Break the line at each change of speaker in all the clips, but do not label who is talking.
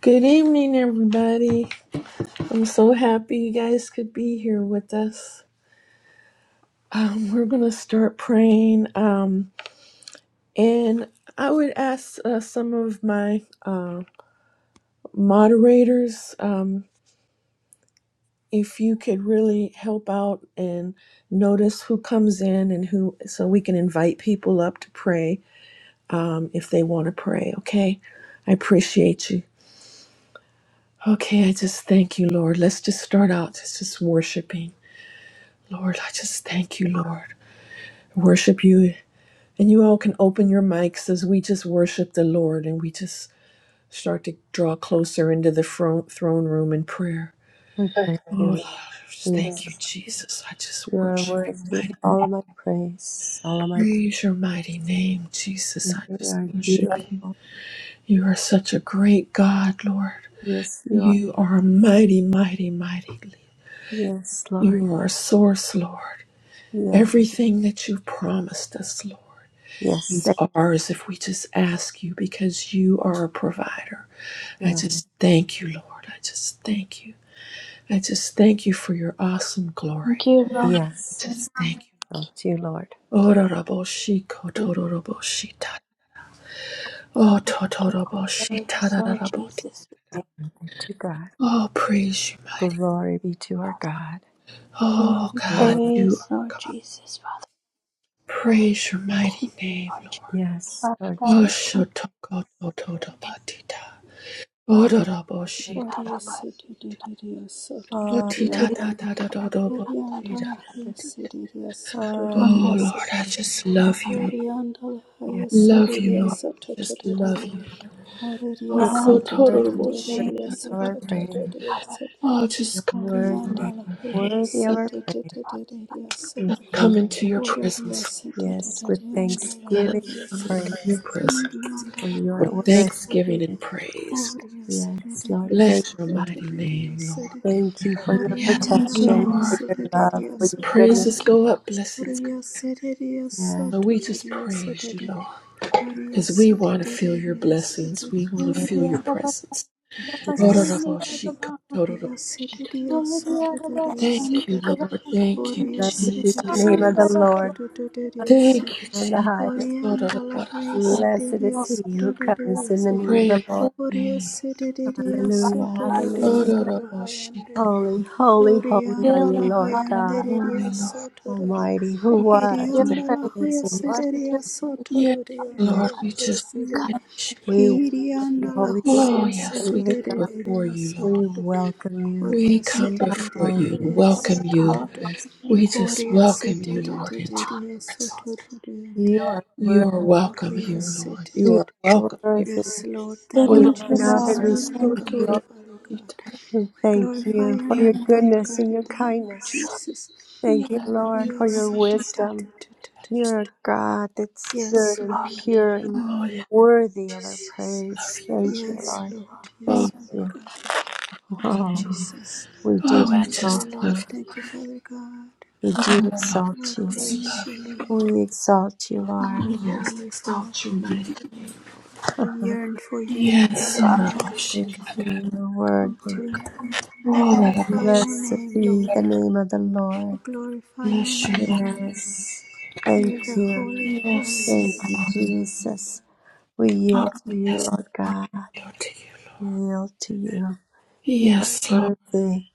Good evening, everybody. I'm so happy you guys could be here with us. Um, we're going to start praying. Um, and I would ask uh, some of my uh, moderators um, if you could really help out and notice who comes in and who, so we can invite people up to pray um, if they want to pray, okay? I appreciate you. Okay, I just thank you, Lord. Let's just start out just, just worshiping. Lord, I just thank you, Lord. I worship you. And you all can open your mics as we just worship the Lord and we just start to draw closer into the fro- throne room in prayer.
We praise
Oh, Lord,
you.
I just
You
thank you,
exalt- you
Jesus. I just
You are
worship you.
worthy. of
Mighty,
All of my praise, all of my thank
praise your mighty name, Jesus.
you.
I
You
just
are
worship you.
beautiful.
You are such a great God, Lord.
Yes, you are.
You are a mighty, mighty, mighty.
Yes, Lord.
You are our source, Lord.
Yes,
Everything that you promised us, Lord.
yes,
These
thank-
are, as if we just ask you because you are a provider. I
yes,
just thank you, Lord. I just thank you. I just thank you for your awesome
Thank
glory.
you, Lord.
I
yes.
just thank you.
Exalt you, Lord.
Oh, raraboshiko,
We you,
tororoboshita.
God.
Oh,
Give you praise,
totoroboshita,
Lord
rararaboti.
Jesus. We thank
Glory be to God.
Oh, praise you,
you, Lord
mighty.
Glory be to our
Father.
God.
We give
Oh,
you
God,
Lord.
you
praise,
are
Lord
God.
Jesus, Father.
Praise your
Thank
mighty
you,
name,
Lord
Lord.
Jesus.
Yes,
Father
Lord
God,
Oh,
Jesus.
we come to
shotoko,
you
tototobatita. Oh,
now.
Oh, Lord.
raraboshita.
God, I bless
Oh,
Oh, yes.
tita,
you.
tata,
I bless God,
totoroboshita. Oh Lord, I just love you, Lord. Love you, Lord. I just love you. Oh,
You are
God,
we give
total
worthy,
you
worship.
praise,
worthy of our praise.
Lord
Oriandala
Oh,
You're
just come into our,
worthy, worthy of
let
our praise and
us come
thank
into your
Jesus.
presence,
yes, with
Lord. Just let us
thanksgiving
come into your
praise.
presence
For
Mandala
you are
with
Horia
worthy.
Sede,
thanksgiving and praise. We
Horia
just
Sede,
Yes, Lord,
Dia
thank
bless your
Sede,
you.
mighty name,
Dia
Lord.
Sede,
Thank you for your
Yes,
Thank
Horiandala
you,
protection,
Haya
Lord.
for
Lord.
your
Sede,
love,
Dia
for
As
your
Sede,
goodness.
praises
Thank you.
go up, blessings come.
Horia Sede, Dia
Yes,
So
Soto,
we just
Dia
praise you,
Sede,
Lord,
Horia
because we
Sede,
want to
Dia
feel your blessings.
Sede,
We want to
Glory, I
yes,
feel your
bless
presence.
you. I
Horia
bless
yes.
you. I bless you.
Thank
Sede, Dia
Glory, I
Soto,
bless
Dia
you,
Sede,
Lord. Thank you,
you.
Horia
Blessed be
Sede,
I
Dia
the
Jesus.
name of the
bless you.
Soto,
Lord.
Dia
Blessed
Sede,
Thank you,
and the highest.
Jesus.
Horiandala Haya
Thank you,
Sede,
Blessed
Dia
is
Lord
he who
Soto, do
God.
comes
Dia
in the
Sede,
name of the
Praise
Lord.
Fill
your name.
Oriacidria
this heart,
Hallelujah,
God, with your
hallelujah.
sotododianda
praise.
Holy
la hayandere.
Holy, holy, holy are
Orianda
Fill
you,
la
this
Lord
Father God
God.
hayanderia
with
Lord.
sotodoria.
Almighty, who was
your
Holy.
and
Hirianda
praise,
la
is and is
Lord,
to
with
hoyacidia
your
come.
petition,
Yes,
sotododianda
Lord,
la
Father
we
God.
Yes,
just
hayacid.
praise
Come,
you, Lord.
we welcome you,
Hirianda la
Holy
Jesus.
Oh,
Spirit,
yes,
the
we
living
come
God.
before
horiacidia
you, Lord.
We
sotodo.
welcome you.
We
Yes,
come
we
before
Oh,
you and
Oriacidia
welcome you.
call
sotodo.
upon
yes.
you,
We just welcome you, Lord, into our
Father.
Coriacidia
presence.
sotododianda.
You are
You
worthy.
are welcome here, Lord. You
You
are
Oriacidia.
are
welcome here.
worthy.
Yes, Lord,
Thank
thank
We
you,
Ora
you,
open up
Jesus.
and
We
Lord.
boshi
receive,
Thank you,
welcome you,
kotoro
Lord.
Father God.
shita.
We
We
thank
glorify
you
your
for your
Yes,
name, Father
goodness
God,
and your
in the name of
Jesus.
kindness.
Jesus.
Thank
yes,
you, Lord, for your
Yes,
boshi.
wisdom.
Yes.
You're a God that's
yes,
good and
Lord,
Lord,
pure and
Oh, yeah,
worthy of our
Jesus.
love
praise.
you.
Thank you,
Yes,
Lord.
Lord,
Oh,
yes,
Thank
Father
you.
God. Thank you,
Wow,
Jesus.
we do
oh, I
Thank
just
exalt
you,
love
Lord.
you.
you.
Thank you, Father God.
We
Oh,
do
I
We
exalt you.
just
praise
love
you,
you.
Lord.
We exalt you, Lord.
Oh,
Oh,
yes,
Heavenly Father,
exalt your mighty name.
we yearn for you,
Yes,
Father
ora
Father.
God.
boshi
Thank
kaka.
you, you're
Come
worthy.
to
Ora
magnify
boshi.
your
Blessed
name,
be
Lord.
the name of the
We
Lord.
glorify your
Bless your
name,
name.
Lord.
Yes. Thank
You're the
you.
Holy of
Yes. Lord,
Thank you,
Holies.
Jesus. We yield
Oh,
to you,
yes,
Lord
Lord.
God.
Your to you, Lord.
We yield to you. You are
Yes, Lord.
worthy.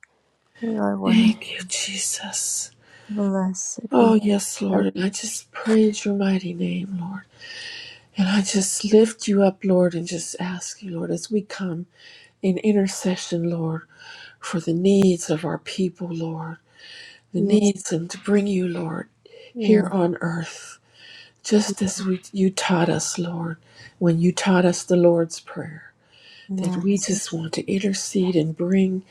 You are worthy.
Thank you, Jesus.
Blessed be
Oh, yes,
the Lord.
Lord. And I just praise your mighty name, Lord. And I just lift you up, Lord, and just ask you, Lord, as we come in intercession, Lord, for the needs of our people, Lord, the
Yes,
needs and to bring you, Lord, here
yes,
on earth, just as we, you taught us, Lord, when you taught us the Lord's Prayer, that we
yes,
just want to intercede and bring,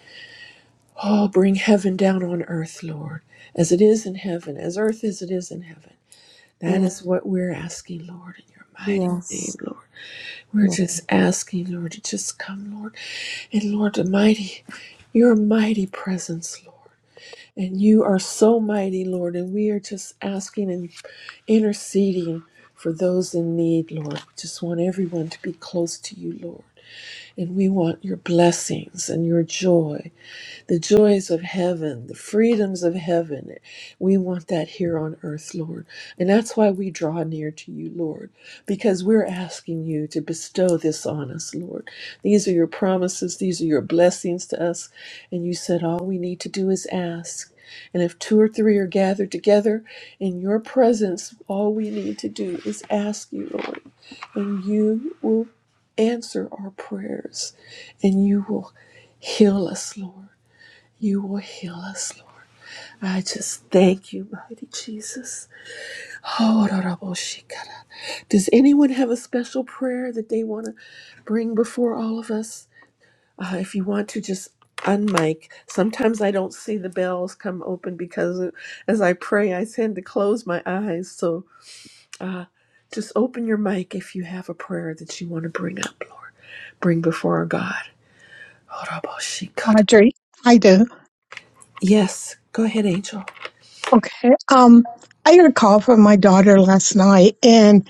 oh, bring heaven down on earth, Lord, as it is in heaven, as earth as it is in heaven. That
yes,
is what we're asking, Lord, in your mighty name,
yes,
Lord. We're
yes.
just asking, Lord, to just come, Lord. And Lord, the mighty, your mighty presence, Lord. And you are so mighty, Lord. And we are just asking and interceding for those in need, Lord. Just want everyone to be close to you, Lord. And we want your blessings and your joy the joys of heaven, the freedoms of heaven. We want that here on earth, Lord. And that's why we draw near to you, Lord, because we're asking you to bestow this on us, Lord. These are your promises, these are your blessings to us. And you said all we need to do is ask. And if two or three are gathered together in your presence, all we need to do is ask you, Lord, and you will answer our prayers and you will heal us, Lord. You will heal us, Lord. I just thank you, mighty Jesus. Oh, Does anyone have a special prayer that they want to bring before all of us? Uh, if you want to, just unmic. Sometimes I don't see the bells come open because as I pray, I tend to close my eyes. So uh, just open your mic if you have a prayer that you want to bring up, Lord. Bring before our God. Oh,
Audrey, I do.
Yes, go ahead, Angel.
Okay. Um, I got a call from my daughter last night, and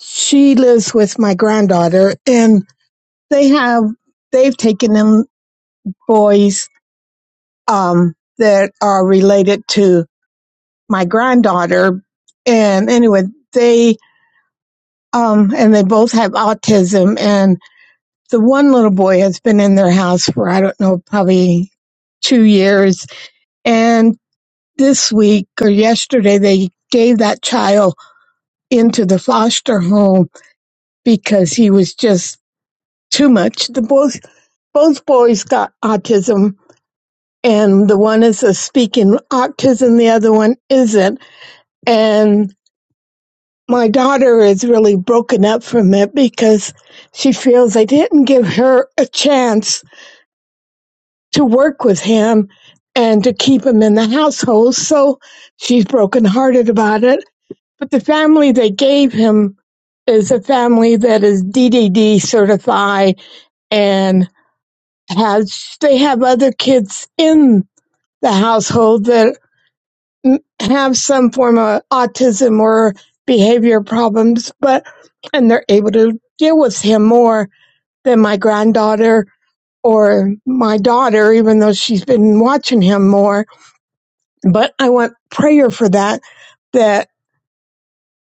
she lives with my granddaughter, and they have they've taken in boys um, that are related to my granddaughter, and anyway, they um, and they both have autism, and the one little boy has been in their house for I don't know, probably two years, and this week or yesterday they gave that child into the foster home because he was just too much. The both both boys got autism and the one is a speaking autism, the other one isn't. And my daughter is really broken up from it because she feels they didn't give her a chance to work with him and to keep him in the household. So she's brokenhearted about it. But the family they gave him is a family that is DDD certified and has they have other kids in the household that have some form of autism or behavior problems but and they're able to deal with him more than my granddaughter or my daughter even though she's been watching him more but i want prayer for that that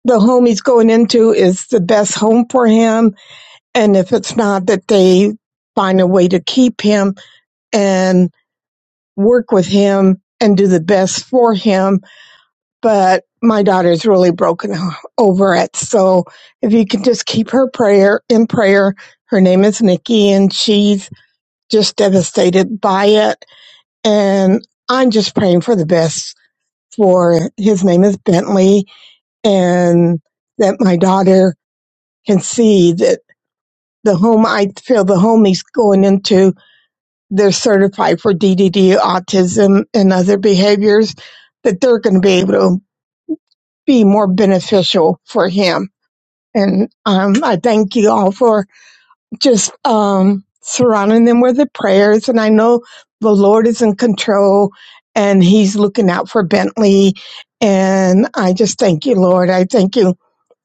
the home he's going into is the best home for him and if it's not that they find a way to keep him and. work with him and do the best for him. But my daughter's really broken over it. So if you can just keep her prayer in prayer, her name is Nikki and she's just devastated by it. And I'm just praying for the best for his name is Bentley and that my daughter can see that the home I feel the home he's going into they're certified for DDD, autism, and other behaviors, that they're going to be able to be more beneficial for him. And um, I thank you all for just um, surrounding them with the prayers. And I know the Lord is in control and He's looking out for Bentley. And I just thank you, Lord. I thank you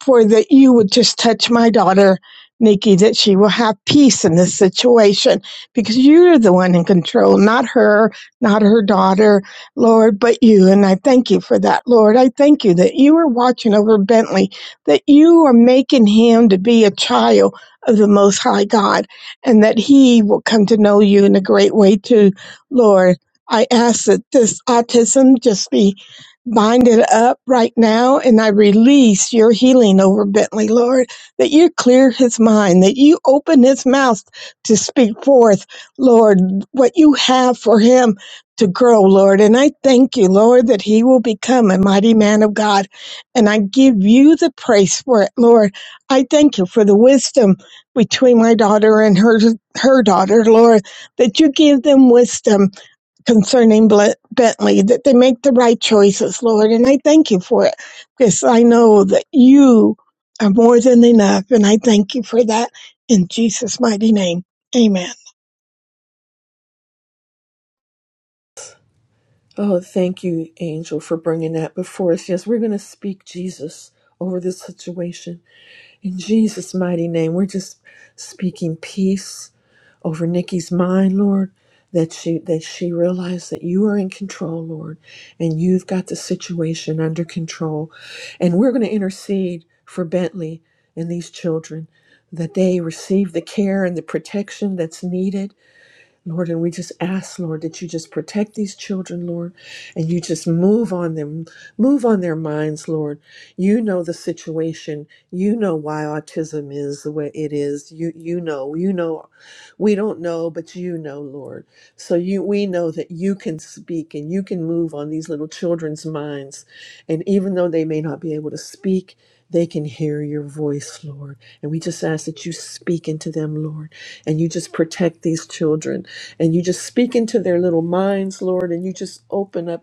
for that you would just touch my daughter, Nikki, that she will have peace in this situation because you're the one in control, not her, not her daughter, Lord, but you. And I thank you for that, Lord. I thank you that you are watching over Bentley, that you are making him to be a child of the Most High God, and that He will come to know you in a great way too, Lord. I ask that this autism just be binded up right now, and I release your healing over Bentley, Lord, that you clear his mind, that you open his mouth to speak forth, Lord, what you have for him to grow, Lord. And I thank you, Lord, that he will become a mighty man of God. And I give you the praise for it, Lord. I thank you for the wisdom between my daughter and her her daughter, Lord, that you give them wisdom concerning Ble- Bentley, that they make the right choices, Lord. And I thank you for it because I know that you are more than enough. And I thank you for that in Jesus' mighty name. Amen.
Oh, thank you, Angel, for bringing that before us. Yes, we're going to speak Jesus over this situation. In Jesus' mighty name, we're just speaking peace over Nikki's mind, Lord, that she that she realized that you are in control, Lord, and you've got the situation under control. And we're going to intercede for Bentley and these children that they receive the care and the protection that's needed Lord, and we just ask, Lord, that you just protect these children, Lord, and you just move on them, move on their minds, Lord. You know the situation. You know why autism is the way it is. You you know, you know. We don't know, but you know, Lord. So you we know that you can speak and you can move on these little children's minds. And even though they may not be able to speak, they can hear your voice, Lord. And we just ask that you speak into them, Lord, and you just protect these children and you just speak into their little minds, Lord, and you just open up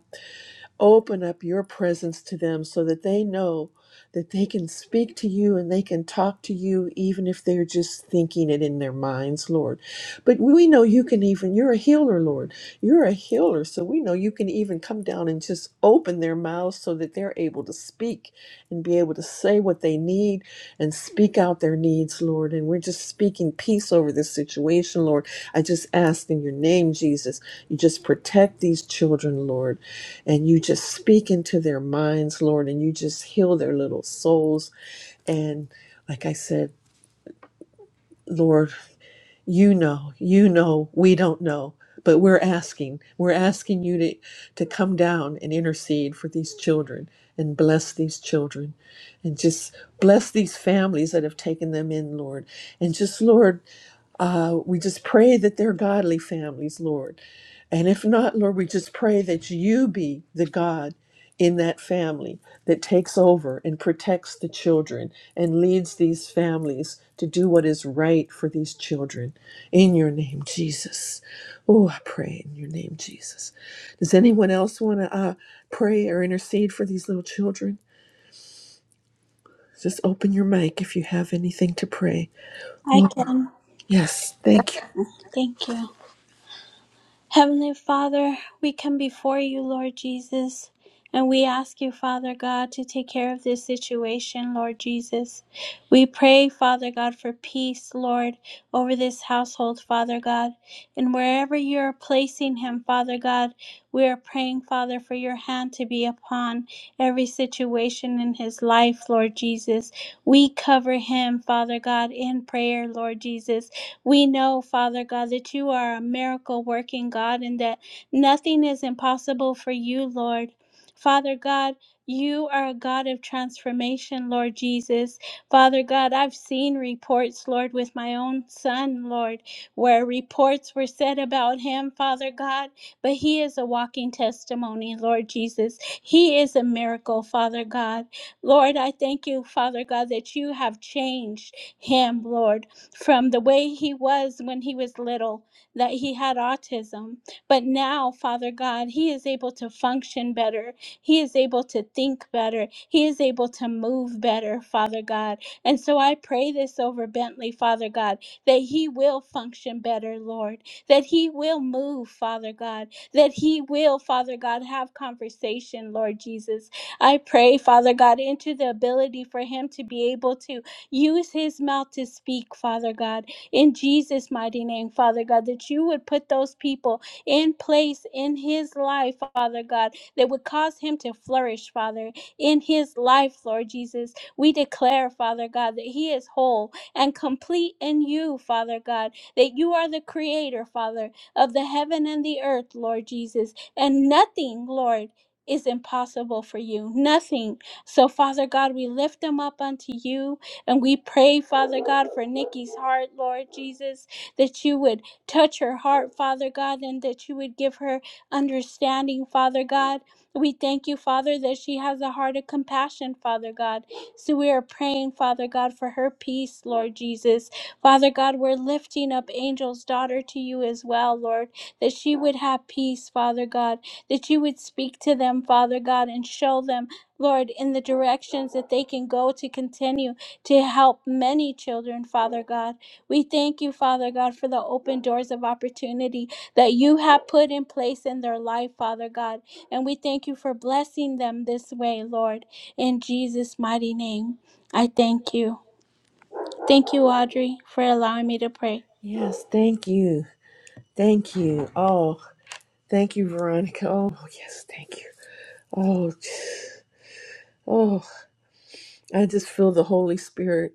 Open up your presence to them so that they know that they can speak to you and they can talk to you, even if they're just thinking it in their minds, Lord. But we know you can even, you're a healer, Lord. You're a healer. So we know you can even come down and just open their mouths so that they're able to speak and be able to say what they need and speak out their needs, Lord. And we're just speaking peace over this situation, Lord. I just ask in your name, Jesus, you just protect these children, Lord and you just speak into their minds, Lord, and you just heal their little souls. And like I said, Lord, you know, you know, we don't know, but we're asking, we're asking you to, to come down and intercede for these children and bless these children and just bless these families that have taken them in, Lord. And just, Lord, uh, we just pray that they're godly families, Lord. And if not, Lord, we just pray that you be the God in that family that takes over and protects the children and leads these families to do what is right for these children. In your name, Jesus. Oh, I pray in your name, Jesus. Does anyone else want to uh, pray or intercede for these little children? Just open your mic if you have anything to pray.
I
Oh,
can.
yes. Thank you.
Thank you. Heavenly Father, we come before you, Lord Jesus, and we ask you, Father God, to take care of this situation, Lord Jesus. We pray, Father God, for peace, Lord, over this household, Father God. And wherever you're placing him, Father God, we are praying, Father, for your hand to be upon every situation in his life, Lord Jesus. We cover him, Father God, in prayer, Lord Jesus. We know, Father God, that you are a miracle working God and that nothing is impossible for you, Lord. Father God, you are a God of transformation, Lord Jesus. Father God, I've seen reports, Lord, with my own son, Lord, where reports were said about him, Father God, but he is a walking testimony, Lord Jesus. He is a miracle, Father God. Lord, I thank you, Father God, that you have changed him, Lord from the way he was when he was little, that he had autism. But now, Father God, he is able to function better. He is able to think better. He is able to move better, Father God. And so I pray this over Bentley, Father God, that he will function better, Lord, that he will move, Father God, that he will, Father God, have conversation, Lord Jesus. I pray, Father God, into the ability for him to be able to Use his mouth to speak, Father God, in Jesus' mighty name, Father God, that you would put those people in place in his life, Father God, that would cause him to flourish, Father, in his life, Lord Jesus. We declare, Father God, that he is whole and complete in you, Father God, that you are the creator, Father, of the heaven and the earth, Lord Jesus, and nothing, Lord, is impossible for you. Nothing. So, Father God, we lift them up unto you and we pray, Father God, for Nikki's heart, Lord Jesus, that you would touch her heart, Father God, and that you would give her understanding, Father God. We thank you, Father, that she has a heart of compassion, Father God. So we are praying, Father God, for her peace, Lord Jesus. Father God, we're lifting up Angel's daughter to you as well, Lord, that she would have peace, Father God, that you would speak to them, Father God, and show them, Lord, in the directions that they can go to continue to help many children, Father God. We thank you, Father God, for the open doors of opportunity that you have put in place in their life, Father God. And we thank you for blessing them this way, Lord. In Jesus' mighty name, I thank you. Thank you, Audrey, for allowing me to pray.
Yes. Thank you. Thank you. Oh, thank you, Veronica. Oh, yes, thank you. Oh, oh, I just feel the Holy Spirit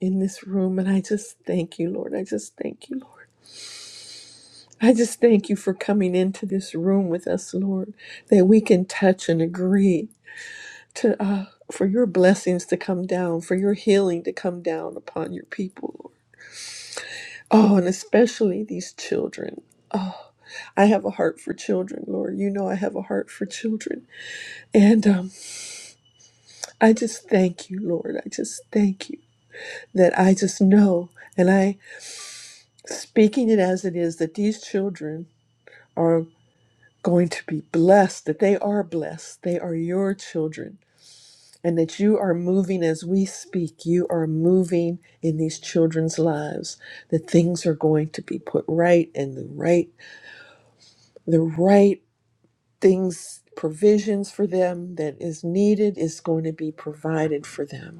in this room, and I just thank you, Lord. I just thank you, Lord. I just thank you for coming into this room with us, Lord, that we can touch and agree to uh, for your blessings to come down, for your healing to come down upon your people, Lord. Oh, and especially these children. I have a heart for children, Lord. You know I have a heart for children, and um, I just thank you, Lord. I just thank you that I just know, and I speaking it as it is, that these children are going to be blessed, that they are blessed. They are your children, and that you are moving as we speak. You are moving in these children's lives, that things are going to be put right and the right, the right things, provisions for them that is needed is going to be provided for them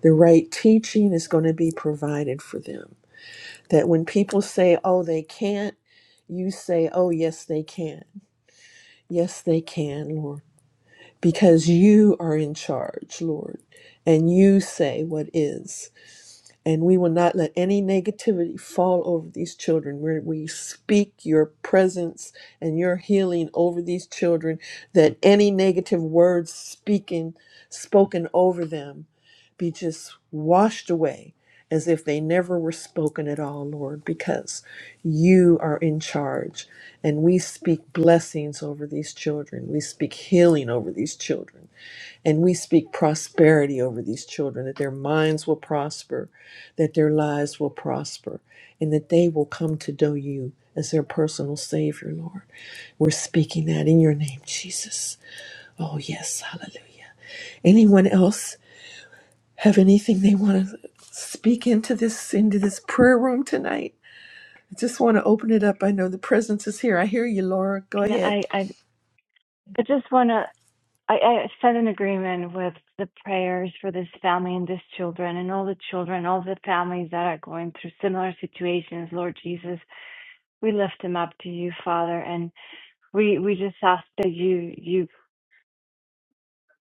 The right teaching is going to be provided for them. That when people say, oh, they can't, you say, oh, yes, they can. Yes, they can, Lord, because you are in charge, Lord, and you say what is and we will not let any negativity fall over these children. we we speak your presence and your healing over these children, that any negative words speaking, spoken over them be just washed away as if they never were spoken at all, Lord, because you are in charge. And we speak blessings over these children. We speak healing over these children. And we speak prosperity over these children, that their minds will prosper, that their lives will prosper, and that they will come to know you as their personal Savior, Lord. We're speaking that in your name, Jesus. Oh, yes, hallelujah. Anyone else have anything they want to speak into this into this prayer room tonight? I just want to open it up. I know the presence is here. I hear you, Laura. Go
Can
ahead.
I, I, I just want to, I, I set an agreement with the prayers for this family and these children and all the children, all the families that are going through similar situations. Lord Jesus, we lift them up to you, Father, and we, we just ask that you, you,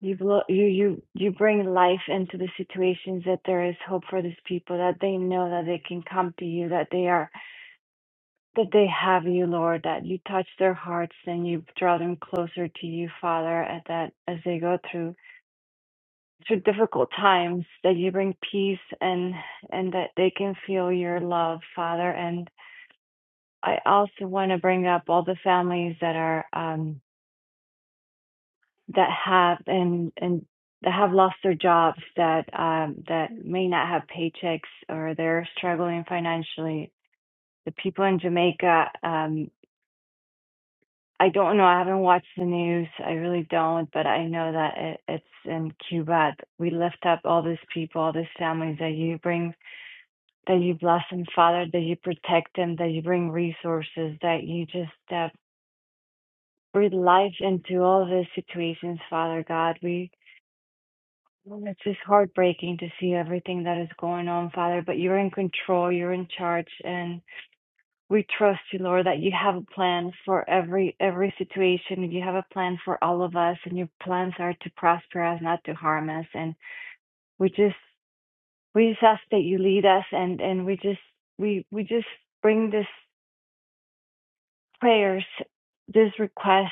you, blo- you, you, you bring life into the situations that there is hope for these people, that they know that they can come to you, that they are, that they have you, Lord, that you touch their hearts and you draw them closer to you, Father, and that as they go through through difficult times that you bring peace and and that they can feel your love father and i also want to bring up all the families that are um that have and and that have lost their jobs that um that may not have paychecks or they're struggling financially the people in jamaica um i don't know i haven't watched the news i really don't but i know that it, it's in cuba we lift up all these people all these families that you bring that you bless them, Father, that you protect them, that you bring resources, that you just uh, breathe life into all these situations, Father God. We it's just heartbreaking to see everything that is going on, Father, but you're in control, you're in charge, and we trust you, Lord, that you have a plan for every every situation. You have a plan for all of us, and your plans are to prosper us, not to harm us. And we just we just ask that you lead us, and and we just we we just bring this prayers, this request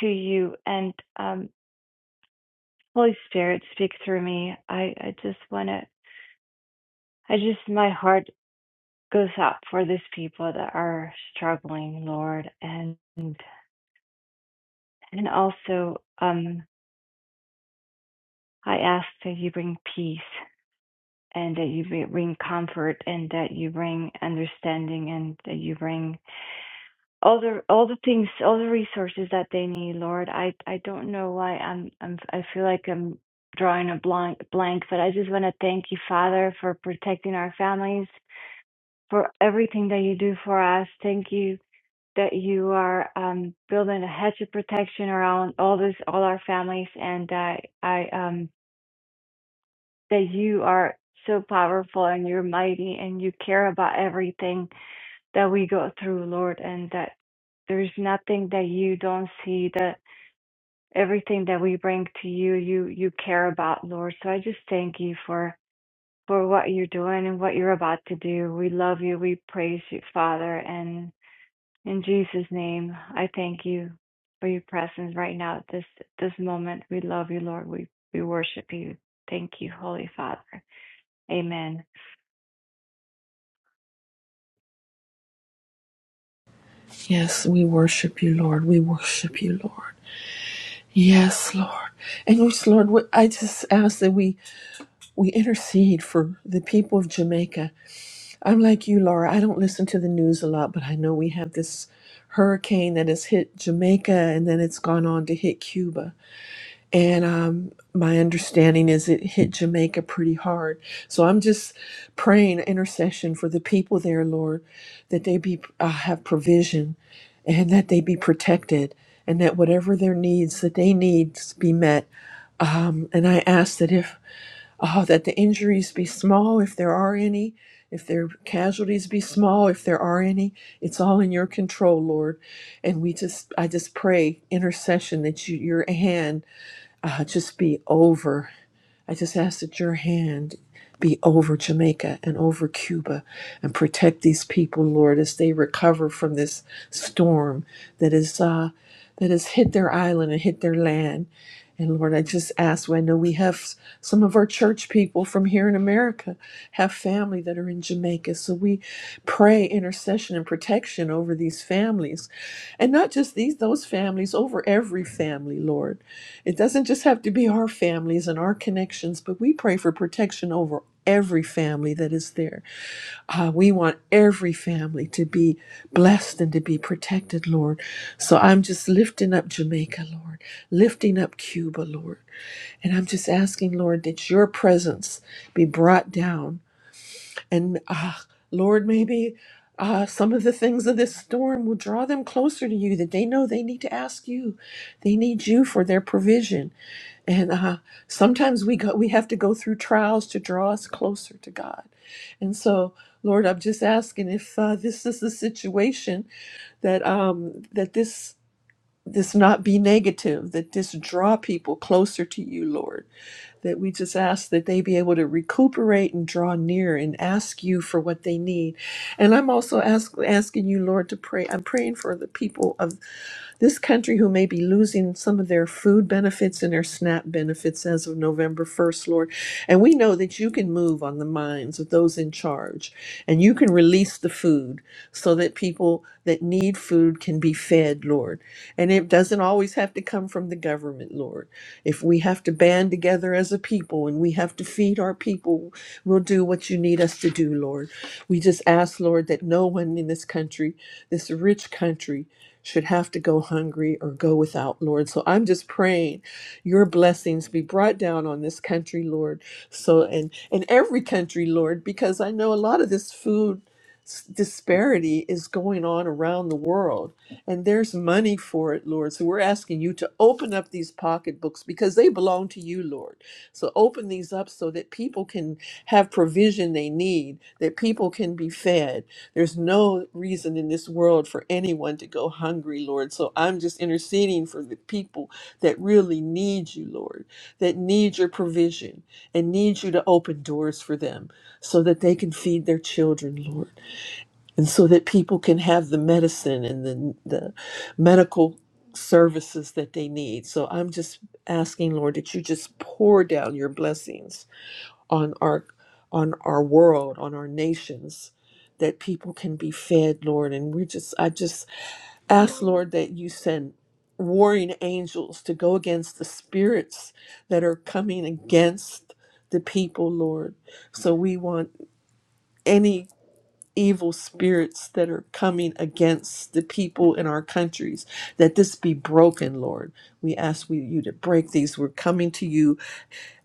to you and um, Holy Spirit, speak through me. I, I just want to, I just, my heart goes out for these people that are struggling, Lord. And, and also, um, I ask that you bring peace and that you bring comfort and that you bring understanding and that you bring all the all the things, all the resources that they need, Lord. I I don't know why I'm I'm I feel like I'm drawing a blank blank, but I just want to thank you, Father, for protecting our families, for everything that you do for us. Thank you that you are um building a hedge of protection around all this all our families and that I um that you are so powerful and you're mighty and you care about everything that we go through, Lord, and that there's nothing that you don't see, that everything that we bring to you, you you care about, Lord. So I just thank you for for what you're doing and what you're about to do. We love you. We praise you, Father. And in Jesus' name, I thank you for your presence right now at this this moment. We love you, Lord. We we worship you. Thank you, Holy Father. Amen.
Yes, we worship you, Lord. We worship you, Lord. Yes, Lord. And yes, Lord, we- I just ask that we, we intercede for the people of Jamaica. I'm like you, Laura. I don't listen to the news a lot, but I know we have this hurricane that has hit Jamaica and then it's gone on to hit Cuba. And um, my understanding is it hit Jamaica pretty hard. So I'm just praying intercession for the people there, Lord, that they be uh, have provision and that they be protected and that whatever their needs that they need be met and I ask that if, oh, that the injuries be small, if there are any, if their casualties be small, if there are any, it's all in your control, Lord. And we just, I just pray intercession that you, your hand uh, just be over. I just ask that your hand be over Jamaica and over Cuba and protect these people, Lord, as they recover from this storm that is, uh, that has hit their island and hit their land. And Lord, I just ask, I know we have some of our church people from here in America have family that are in Jamaica. So we pray intercession and protection over these families. And not just these, those families, over every family, Lord. It doesn't just have to be our families and our connections, but we pray for protection over every family that is there. Uh, we want every family to be blessed and to be protected, Lord. So I'm just lifting up Jamaica, Lord, lifting up Cuba, Lord. And I'm just asking, Lord, that your presence be brought down. And uh, Lord, maybe uh, some of the things of this storm will draw them closer to you that they know they need to ask you. They need you for their provision. And uh, sometimes we go, we have to go through trials to draw us closer to God. And so, Lord, I'm just asking if uh, this is the situation that um, that this this not be negative, that this draw people closer to you, Lord. That we just ask that they be able to recuperate and draw near and ask you for what they need. And I'm also ask, asking you, Lord, to pray. I'm praying for the people of this country, who may be losing some of their food benefits and their SNAP benefits as of November 1st, Lord. And we know that you can move on the minds of those in charge and you can release the food so that people that need food can be fed, Lord. And it doesn't always have to come from the government, Lord. If we have to band together as a people and we have to feed our people, we'll do what you need us to do, Lord. We just ask, Lord, that no one in this country, this rich country, should have to go hungry or go without, Lord. So I'm just praying your blessings be brought down on this country, Lord. So and and every country, Lord, because I know a lot of this food s- disparity is going on around the world and there's money for it lord so we're asking you to open up these pocketbooks because they belong to you lord so open these up so that people can have provision they need, that people can be fed. There's no reason in this world for anyone to go hungry, Lord. So I'm just interceding for the people that really need you, Lord, that need your provision and need you to open doors for them so that they can feed their children, Lord and so that people can have the medicine and the, the medical services that they need. So I'm just asking, Lord, that you just pour down your blessings on our on our world, on our nations, that people can be fed, Lord. And we just I just ask, Lord, that you send warring angels to go against the spirits that are coming against the people, Lord. So we want any evil spirits that are coming against the people in our countries, that this be broken, Lord. We ask we- you to break these. We're coming to you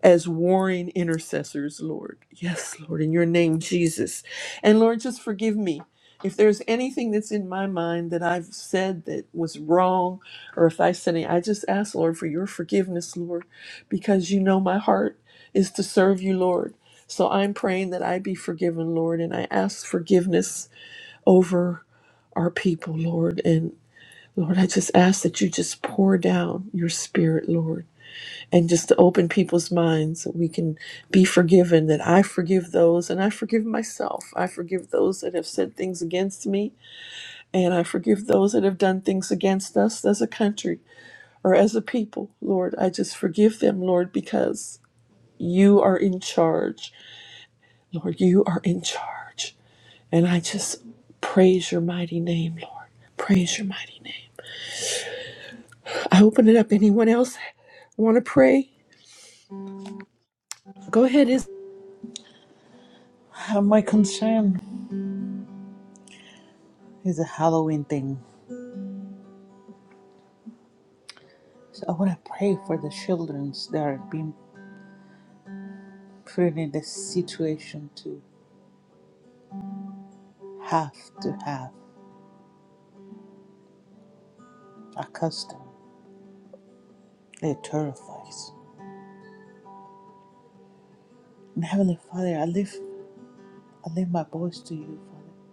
as warring intercessors, Lord. Yes, Lord, in your name, Jesus. And Lord, just forgive me. If there's anything that's in my mind that I've said that was wrong, or if I said any, I just ask, Lord, for your forgiveness, Lord, because you know my heart is to serve you, Lord. So I'm praying that I be forgiven, Lord, and I ask forgiveness over our people, Lord. And Lord, I just ask that you just pour down your spirit, Lord, and just to open people's minds that we can be forgiven, that I forgive those and I forgive myself. I forgive those that have said things against me, and I forgive those that have done things against us as a country or as a people, Lord. I just forgive them, Lord, because you are in charge. Lord, you are in charge. And I just praise your mighty name, Lord. Praise your mighty name. I open it up. Anyone else want to pray? Go ahead. Is
And my concern is a Halloween thing. So I want to pray for the children that are being put in this situation to have to have accustomed. They're terrified. And Heavenly Father, I lift, I lift my voice to you, Father,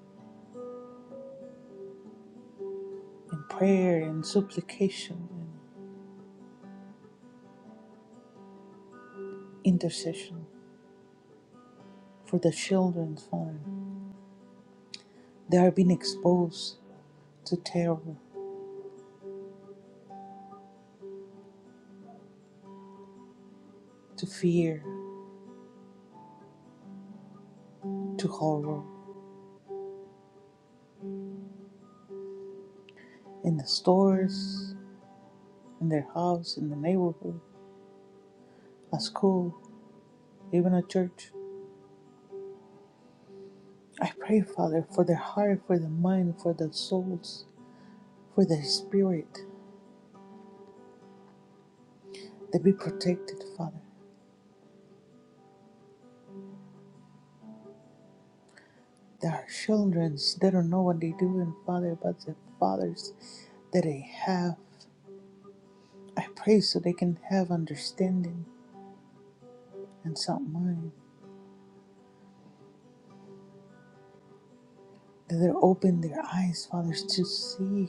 in prayer and supplication and intercession for the children, Father. They are being exposed to terror, to fear, to horror in the stores, in their house, in the neighborhood at school, even at church. I pray, Father, for their heart, for the mind, for their souls, for their spirit. They be protected, Father. They are children. They don't know what they do, and Father, but the fathers that they have. I pray so they can have understanding and sound mind. That they open their eyes, fathers, to see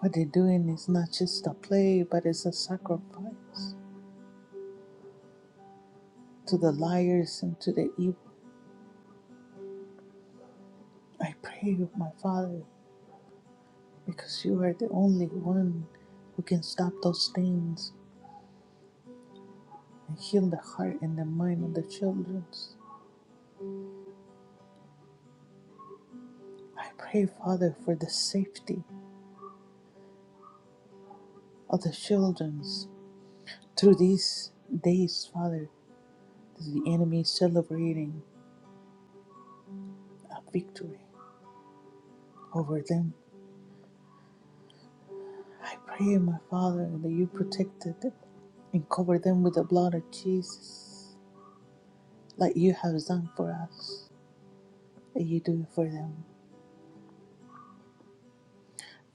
what they're doing is not just a play, but it's a sacrifice to the liars and to the evil. I pray, my Father, because you are the only one who can stop those things and heal the heart and the mind of the children. I pray, Father, for the safety of the children through these days, Father, as the enemy is celebrating a victory over them. I pray, my Father, that you protect them and cover them with the blood of Jesus, like you have done for us, that you do for them.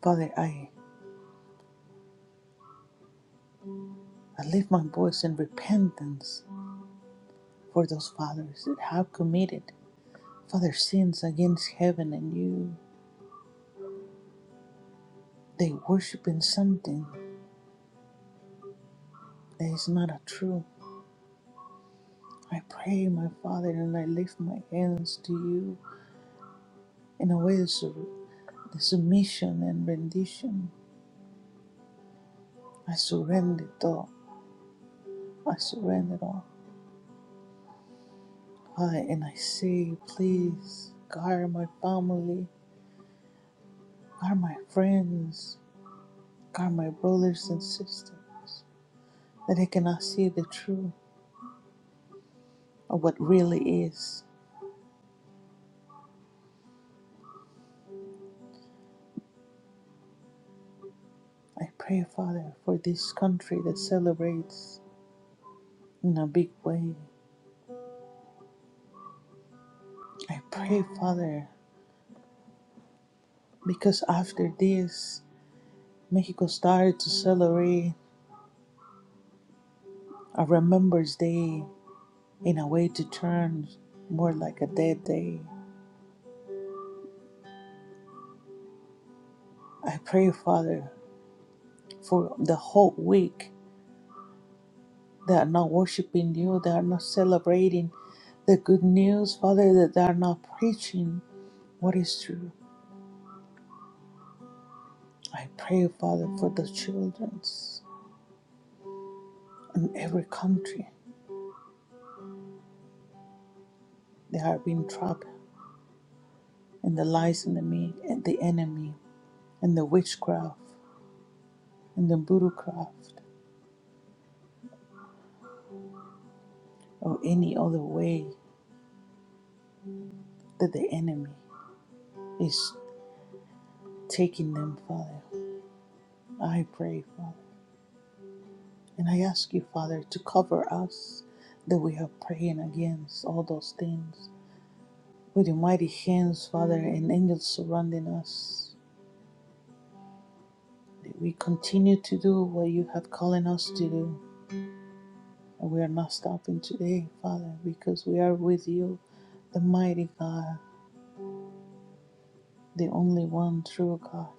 Father, I, I lift my voice in repentance for those fathers that have committed father sins against heaven and you. They worship in something that is not a true. I pray, my Father, and I lift my hands to you in a way of sur- the submission and rendition. I surrender it all. I surrender it all. I, and I say, please guard my family, guard my friends, guard my brothers and sisters, that they cannot see the truth of what really is I pray, Father, for this country that celebrates in a big way. I pray, Father, because after this, Mexico started to celebrate a Remembrance Day in a way to turn more like a dead day. I pray, Father, for the whole week that are not worshiping you, that are not celebrating the good news, Father, that they are not preaching what is true. I pray, Father, for the children. in every country. They have been trapped in the lies and the me and the enemy and the witchcraft and the voodoocraft or any other way that the enemy is taking them, Father. I pray, Father. And I ask you, Father, to cover us that we are praying against all those things. With your mighty hands, Father, and angels surrounding us, that we continue to do what you have calling us to do And we are not stopping today, Father, because we are with you, the mighty God, the only one true God,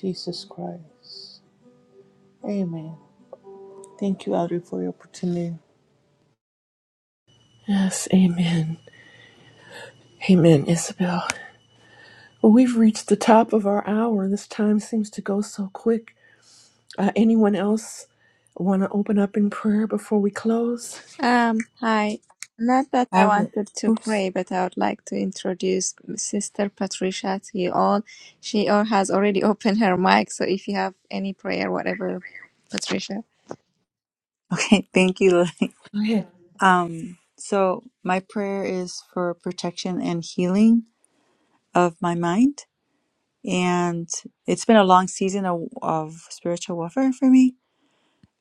Jesus Christ. Amen. Thank you, Audrey, for your opportunity.
yes, Amen, Amen, Isabel. Well, we've reached the top of our hour. This time seems to go so quick. Uh, anyone else want to open up in prayer before we close?
Um, hi. Not that I
I would.
wanted to
Oops.
pray, but I would like to introduce Sister Patricia to you all. She or has already opened her mic, so if you have any prayer, whatever, Patricia.
Okay. Thank you, Lily.
Go ahead.
Um, so my prayer is for protection and healing of my mind, and it's been a long season of, of spiritual warfare for me,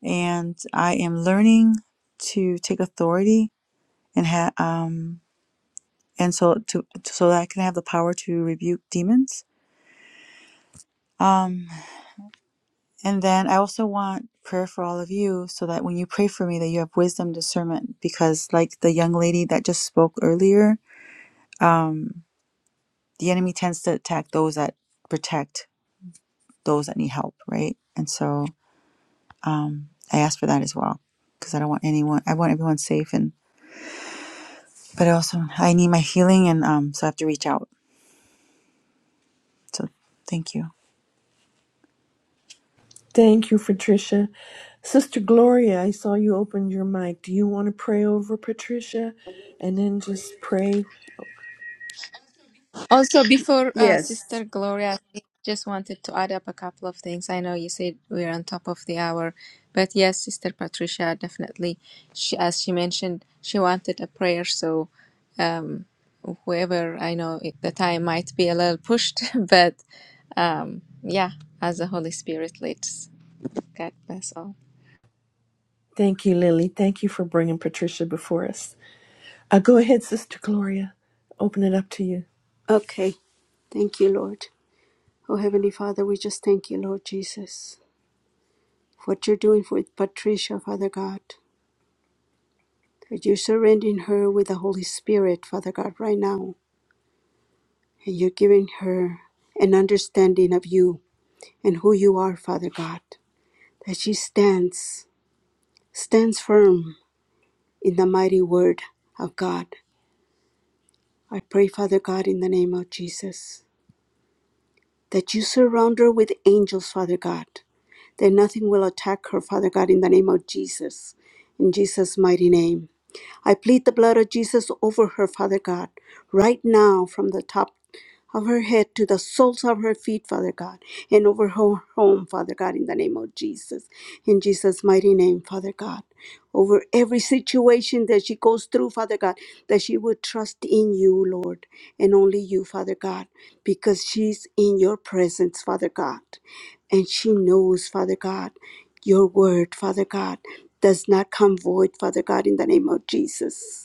and I am learning to take authority and ha- um and so to so that I can have the power to rebuke demons. Um, And then I also want prayer for all of you so that when you pray for me that you have wisdom discernment because like the young lady that just spoke earlier, um the enemy tends to attack those that protect those that need help, right? And so um I ask for that as well because I don't want anyone I want everyone safe and but also I need my healing and um so I have to reach out. So thank you.
Thank you, Patricia. Sister Gloria, I saw you opened your mic. Do you want to pray over Patricia? And then just pray.
Also, before uh,
Yes.
Sister Gloria, I think just wanted to add up a couple of things. I know you said we're on top of the hour, but yes, Sister Patricia definitely. She, as she mentioned, she wanted a prayer, so um, whoever I know it- the time might be a little pushed, but. Um, yeah, as the Holy Spirit leads. God bless all.
Thank you, Lily. Thank you for bringing Patricia before us. Uh, go ahead, Sister Gloria. Open it up to you.
Okay, thank you, Lord. Oh, Heavenly Father, we just thank you, Lord Jesus, for what you're doing for Patricia, Father God. That you're surrendering her with the Holy Spirit, Father God, right now. And you're giving her an understanding of you and who you are, Father God. That she stands, stands firm in the mighty word of God. I pray, Father God, in the name of Jesus. that you surround her with angels, Father God, that nothing will attack her, Father God, in the name of Jesus, in Jesus' mighty name. I plead the blood of Jesus over her, Father God, right now from the top of her head to the soles of her feet, Father God, and over her home, Father God, in the name of Jesus, in Jesus' mighty name, Father God over every situation that she goes through, Father God, that she would trust in you, Lord, and only you, Father God, because she's in your presence, Father God. And she knows, Father God, your word, Father God, does not come void, Father God, in the name of Jesus.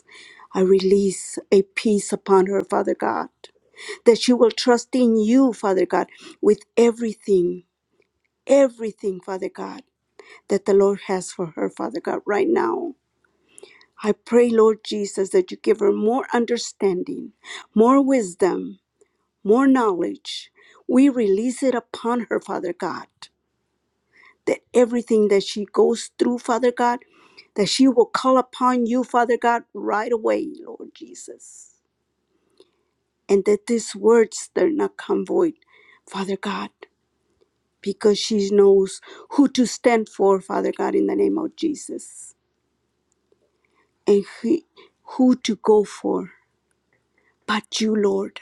I release a peace upon her, Father God, that she will trust in you, Father God, with everything, everything, Father God, that the Lord has for her, Father God, right now. I pray, Lord Jesus, that you give her more understanding, more wisdom, more knowledge. We release it upon her, Father God, that everything that she goes through, Father God, that she will call upon you, Father God, right away, Lord Jesus. And that these words, they're not come void, Father God, because she knows who to stand for, Father God, in the name of Jesus, and who who to go for but you, Lord.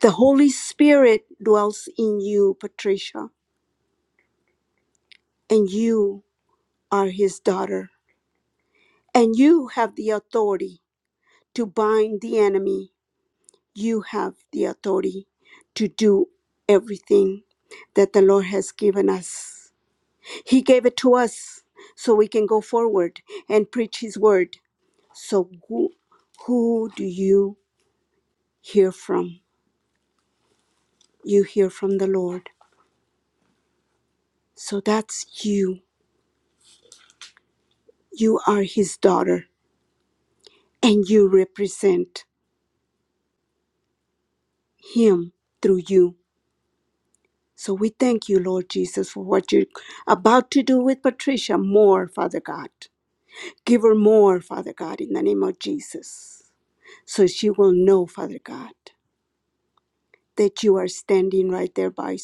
The Holy Spirit dwells in you, Patricia, and you are his daughter. And you have the authority to bind the enemy. You have the authority to do everything that the Lord has given us. He gave it to us so we can go forward and preach his word. So, who, who do you hear from? You hear from the Lord. So that's you. You are his daughter and you represent him through you. So we thank you, Lord Jesus, for what you're about to do with Patricia more, Father God. Give her more, Father God, in the name of Jesus. So she will know, Father God, that you are standing right there by,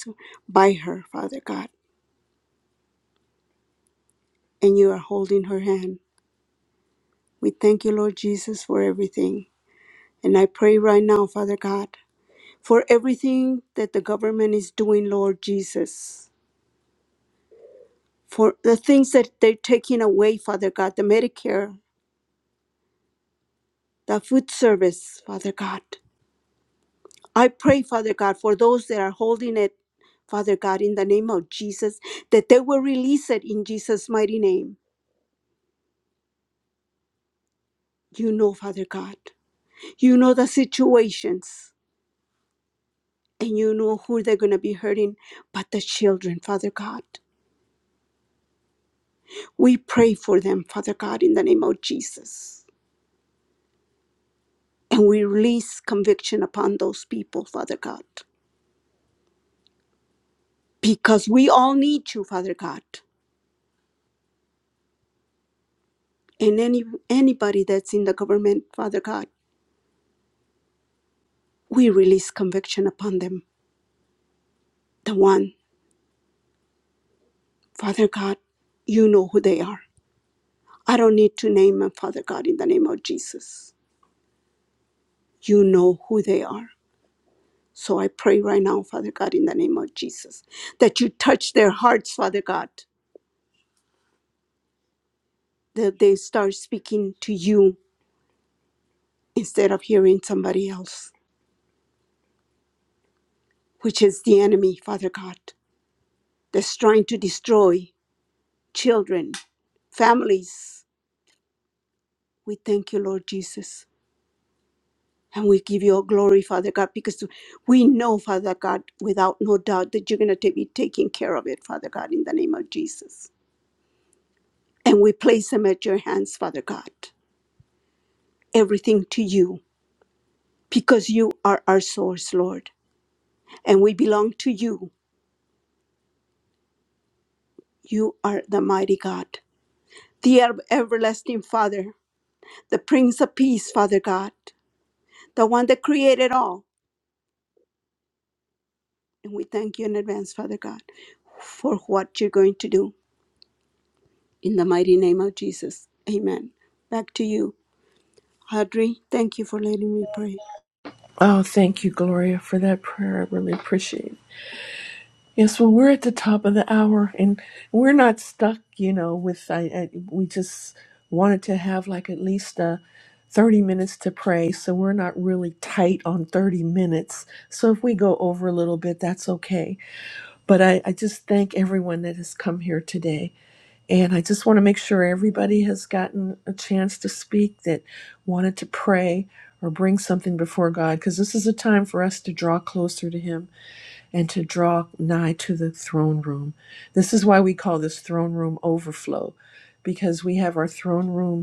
by her, Father God, and you are holding her hand. We thank you, Lord Jesus, for everything. And I pray right now, Father God, for everything that the government is doing, Lord Jesus for the things that they're taking away, Father God, the Medicare, the food service, Father God. I pray, Father God, for those that are holding it, Father God, in the name of Jesus, that they will release it in Jesus' mighty name. You know, Father God, you know the situations and you know who they're going to be hurting, but the children, Father God. We pray for them, Father God, in the name of Jesus. And we release conviction upon those people, Father God. because we all need you, Father God, and any anybody that's in the government, Father God, we release conviction upon them. The one, Father God, you know who they are. I don't need to name them, Father God, in the name of Jesus. You know who they are. So I pray right now, Father God, in the name of Jesus, that you touch their hearts, Father God, that they start speaking to you instead of hearing somebody else, which is the enemy, Father God, that's trying to destroy children, families. We thank you, Lord Jesus. And we give you all glory, Father God, because we know, Father God, without no doubt that you're going to be taking care of it, Father God, in the name of Jesus. And we place them at your hands, Father God. Everything to you, because you are our source, Lord. And we belong to you. You are the mighty God, the ev- everlasting Father, the Prince of Peace, Father God, the one that created all And we thank you in advance, Father God, for what you're going to do. In the mighty name of Jesus. Amen. Back to you, Audrey. Thank you for letting me pray.
Oh, thank you, Gloria, for that prayer. I really appreciate it. Yes, well, we're at the top of the hour and we're not stuck, you know, with, I, I, we just wanted to have like at least uh, 30 minutes to pray. So we're not really tight on 30 minutes. So if we go over a little bit, that's okay. But I, I just thank everyone that has come here today. And I just want to make sure everybody has gotten a chance to speak that wanted to pray or bring something before God, because this is a time for us to draw closer to Him and to draw nigh to the throne room. This is why we call this throne room overflow, because we have our throne room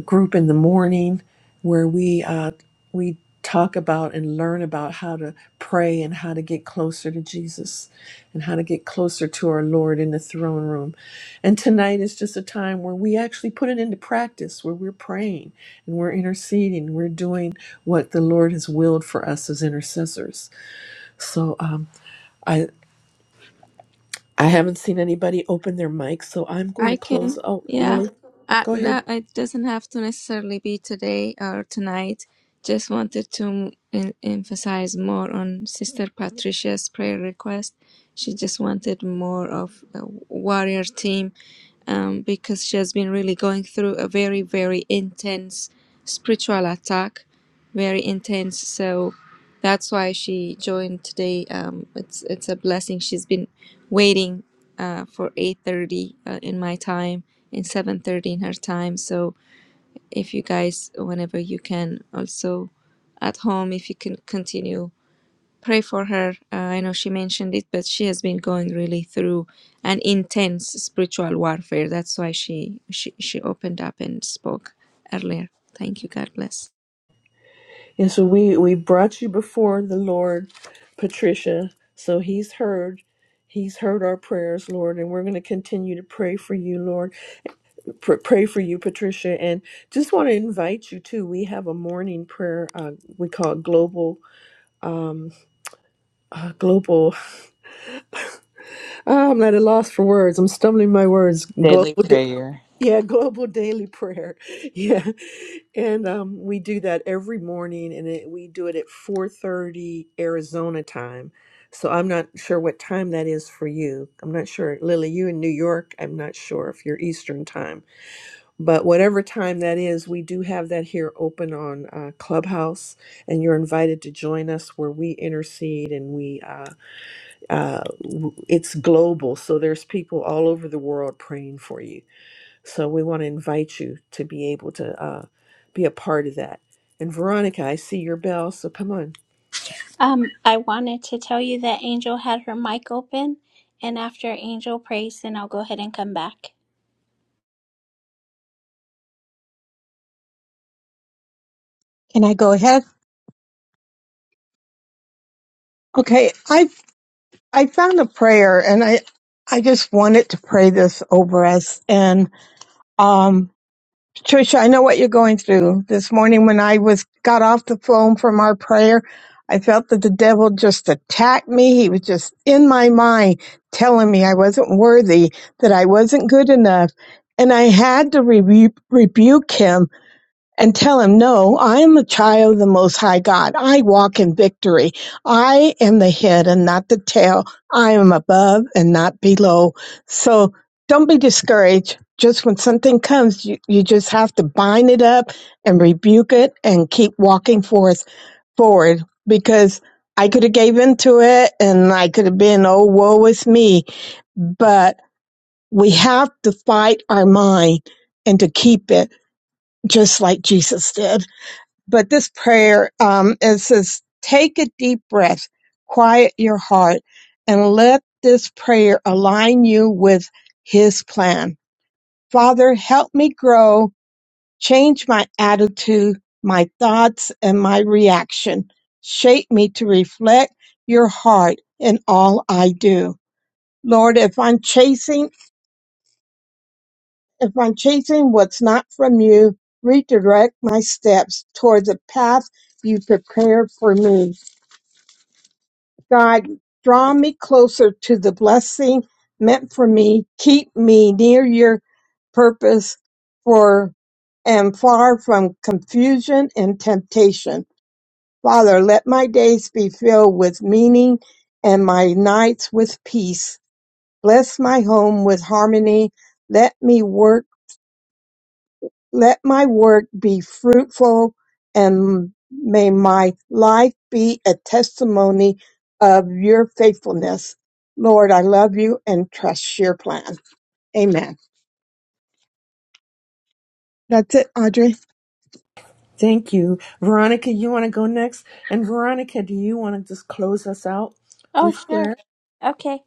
group in the morning where we uh, we talk about and learn about how to pray and how to get closer to Jesus and how to get closer to our Lord in the throne room. And tonight is just a time where we actually put it into practice, where we're praying and we're interceding, we're doing what the Lord has willed for us as intercessors. So um, I I haven't seen anybody open their mic, so I'm going
I
to
can,
close. Oh,
yeah.
Lily,
I,
go ahead.
no, it doesn't have to necessarily be today or tonight. Just wanted to em- emphasize more on Sister Patricia's prayer request. She just wanted more of a warrior team um, because she has been really going through a very, very intense spiritual attack, very intense. So that's why she joined today. Um, it's it's a blessing. She's been waiting uh, for eight thirty uh, in my time, and seven thirty in her time. So if you guys whenever you can also at home if you can continue pray for her uh, i know she mentioned it but she has been going really through an intense spiritual warfare that's why she she, she opened up and spoke earlier thank you god bless
And so we, we brought you before the Lord, Patricia. So he's heard. He's heard our prayers, Lord, and we're going to continue to pray for you, Lord. Pr- pray for you, Patricia. And just want to invite you too. We have a morning prayer. Uh, we call it global, um, uh, global. Ah, I'm at a loss for words. I'm stumbling my words.
Daily
Global.
prayer.
Yeah, global daily prayer. Yeah. And um, we do that every morning and it, we do it at 4:30 Arizona time. So I'm not sure what time that is for you. I'm not sure. Lily, you in New York? I'm not sure if you're Eastern time. But whatever time that is, we do have that here open on uh, Clubhouse and you're invited to join us where we intercede and we uh, uh, w- it's global. So there's people all over the world praying for you so we want to invite you to be able to uh, be a part of that. And Veronica, I see your bell, so come on.
Um, I wanted to tell you that Angel had her mic open, and after Angel prays, then I'll go ahead and come back.
Can I go ahead? Okay. I I found a prayer and I I just wanted to pray this over us and um. Trisha, I know what you're going through. This morning when I was got off the phone from our prayer, I felt that the devil just attacked me. He was just in my mind telling me I wasn't worthy, that I wasn't good enough. And I had to rebu- rebuke him and tell him, No, I am a child of the Most High God. I walk in victory. I am the head and not the tail. I am above and not below. So don't be discouraged. Just when something comes, you, you just have to bind it up and rebuke it and keep walking forth forward because I could have gave into it and I could have been, oh, woe is me. But we have to fight our mind and to keep it just like Jesus did but this prayer um, it says take a deep breath quiet your heart and let this prayer align you with his plan father help me grow change my attitude my thoughts and my reaction shape me to reflect your heart in all i do lord if i'm chasing if i'm chasing what's not from you redirect my steps toward the path you prepare for me God, draw me closer to the blessing meant for me. Keep me near your purpose for and far from confusion and temptation. Father, let my days be filled with meaning and my nights with peace. Bless my home with harmony. Let me work let my work be fruitful and may my life be a testimony of your faithfulness. Lord, I love you and trust your plan. Amen. That's it, Audrey.
Thank you. Veronica, you want to go next? And Veronica, do you want to just close us out
Oh,
with
sure.
prayer?
Okay.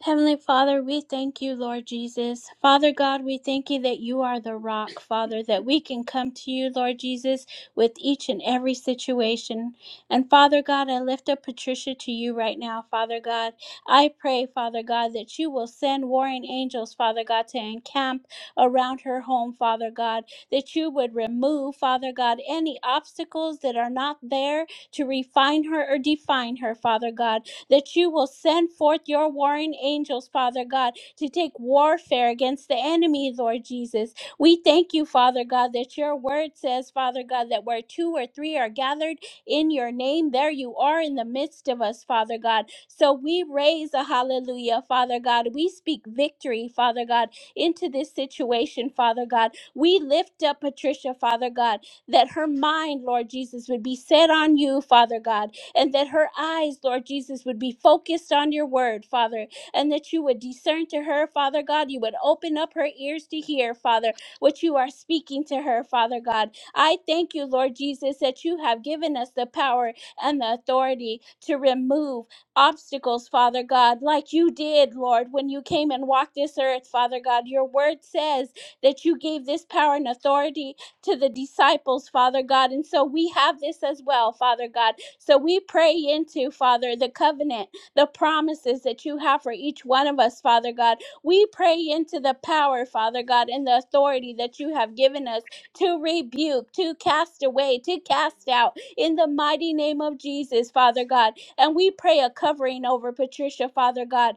Heavenly Father, we thank you, Lord Jesus. Father God, we thank you that you are the rock, Father, that we can come to you, Lord Jesus, with each and every situation. And Father God, I lift up Patricia to you right now, Father God. I pray, Father God, that you will send warring angels, Father God, to encamp around her home, Father God, that you would remove, Father God, any obstacles that are not there to refine her or define her, Father God that you will send forth your warring angels, Father God, to take warfare against the enemy, Lord Jesus. We thank you, Father God, that your word says, Father God, that where two or three are gathered in your name, there you are in the midst of us, Father God. So we raise a hallelujah, Father God. We speak victory, Father God, into this situation, Father God. We lift up Patricia, Father God, that her mind, Lord Jesus, would be set on you, Father God and that her eyes, Lord Jesus, would be focused on your word, Father, and that you would discern to her, Father God. You would open up her ears to hear, Father, what you are speaking to her, Father God. I thank you, Lord Jesus, that you have given us the power and the authority to remove obstacles, Father God, like you did, Lord, when you came and walked this earth, Father God. Your word says that you gave this power and authority to the disciples, Father God. And so we have this as well, Father God so we pray into, Father, the covenant, the promises that you have for each one of us, Father God. We pray into the power, Father God, and the authority that you have given us to rebuke, to cast away, to cast out in the mighty name of Jesus, Father God. And we pray a covering over Patricia, Father God.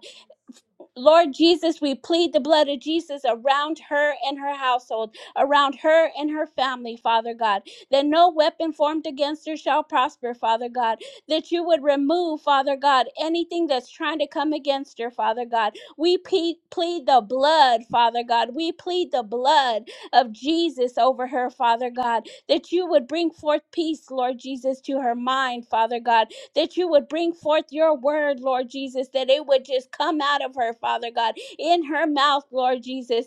Lord Jesus, we plead the blood of Jesus around her and her household, around her and her family, Father God, that no weapon formed against her shall prosper, Father God, that you would remove, Father God, anything that's trying to come against her, Father God. We pe- plead the blood, Father God. We plead the blood of Jesus over her, Father God, that you would bring forth peace, Lord Jesus, to her mind, Father God that you would bring forth your word, Lord Jesus, that it would just come out of her, Father God, in her mouth, Lord Jesus,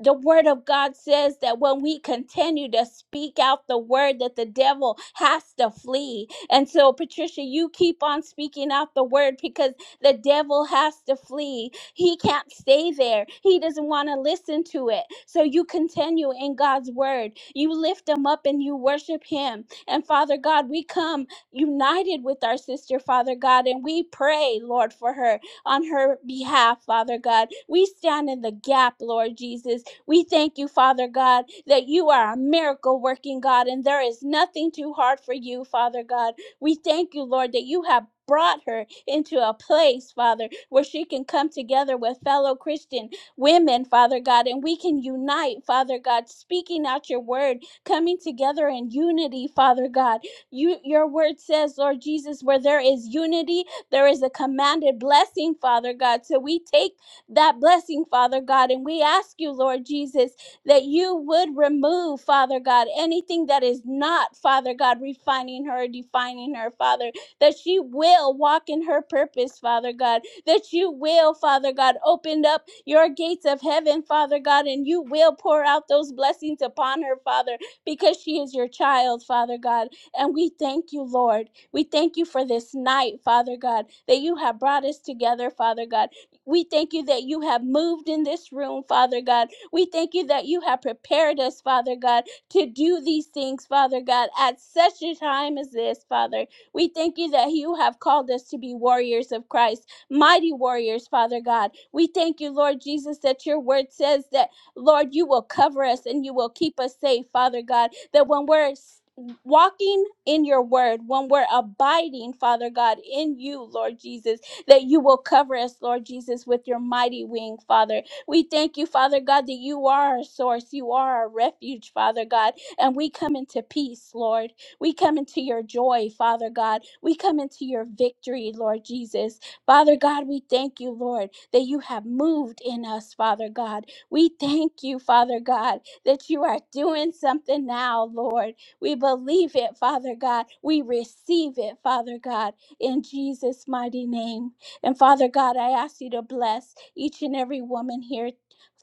the word of God says that when we continue to speak out the word that the devil has to flee. And so Patricia, you keep on speaking out the word because the devil has to flee. He can't stay there. He doesn't want to listen to it. So you continue in God's word. You lift him up and you worship him. And Father God, we come united with our sister, Father God, and we pray, Lord, for her on her behalf, Father God. We stand in the gap, Lord Jesus we thank you, Father God, that you are a miracle working God and there is nothing too hard for you, Father God. We thank you, Lord, that you have brought her into a place, Father, where she can come together with fellow Christian women, Father God, and we can unite, Father God, speaking out your word, coming together in unity, Father God. You your word says, Lord Jesus, where there is unity, there is a commanded blessing, Father God. So we take that blessing, Father God. And we ask you, Lord Jesus, that you would remove, Father God, anything that is not, Father God, refining her, defining her, Father, that she will walk in her purpose, Father God, that you will, Father God, open up your gates of heaven, Father God, and you will pour out those blessings upon her, Father, because she is your child, Father God. And we thank you, Lord. We thank you for this night, Father God, that you have brought us together, Father God we thank you that you have moved in this room, Father God. We thank you that you have prepared us, Father God, to do these things, Father God, at such a time as this, Father. We thank you that you have called us to be warriors of Christ, mighty warriors, Father God. We thank you, Lord Jesus, that your word says that, Lord, you will cover us and you will keep us safe, Father God, that when we're s- walking in your word, when we're abiding, Father God, in you, Lord Jesus, that you will cover us, Lord Jesus, with your mighty wing, Father. We thank you, Father God, that you are our source, you are our refuge, Father God, and we come into peace, Lord. We come into your joy, Father God. We come into your victory, Lord Jesus. Father God, we thank you, Lord, that you have moved in us, Father God. We thank you, Father God, that you are doing something now, Lord. We believe it, Father God. We receive it, Father God, in Jesus' mighty name. And Father God, I ask you to bless each and every woman here.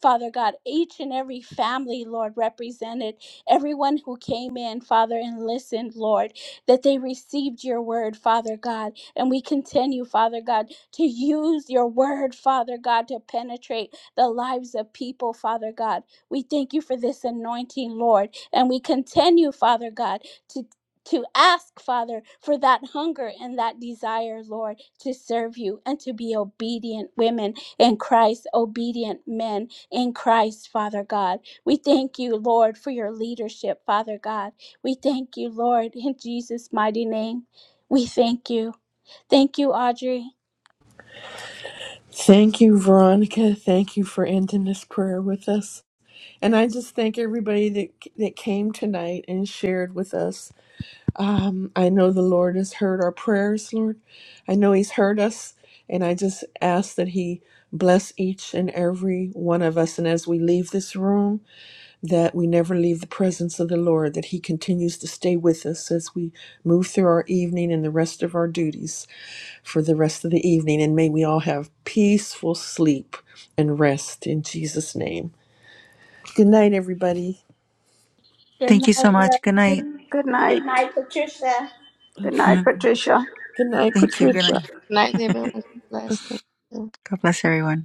Father God, each and every family, Lord, represented, everyone who came in, Father, and listened, Lord, that they received your word, Father God. And we continue, Father God, to use your word, Father God, to penetrate the lives of people, Father God. We thank you for this anointing, Lord. And we continue, Father God, to to ask, Father, for that hunger and that desire, Lord, to serve you and to be obedient women in Christ, obedient men in Christ, Father God. We thank you, Lord, for your leadership, Father God. We thank you, Lord, in Jesus' mighty name. We thank you. Thank you, Audrey.
Thank you, Veronica. Thank you for ending this prayer with us. And I just thank everybody that that came tonight and shared with us. Um, I know the Lord has heard our prayers, Lord. I know He's heard us, and I just ask that He bless each and every one of us. And as we leave this room, that we never leave the presence of the Lord, that He continues to stay with us as we move through our evening and the rest of our duties for the rest of the evening. And may we all have peaceful sleep and rest in Jesus' name. Good night, everybody.
Good
Thank you
night,
so
love.
much. Good night.
Good
Good night. Good
night,
night,
Patricia.
Patricia. Good night, Patricia.
Good night,
thank you. Good
Patricia.
night.
Good night, everyone. God Bless.
God bless everyone.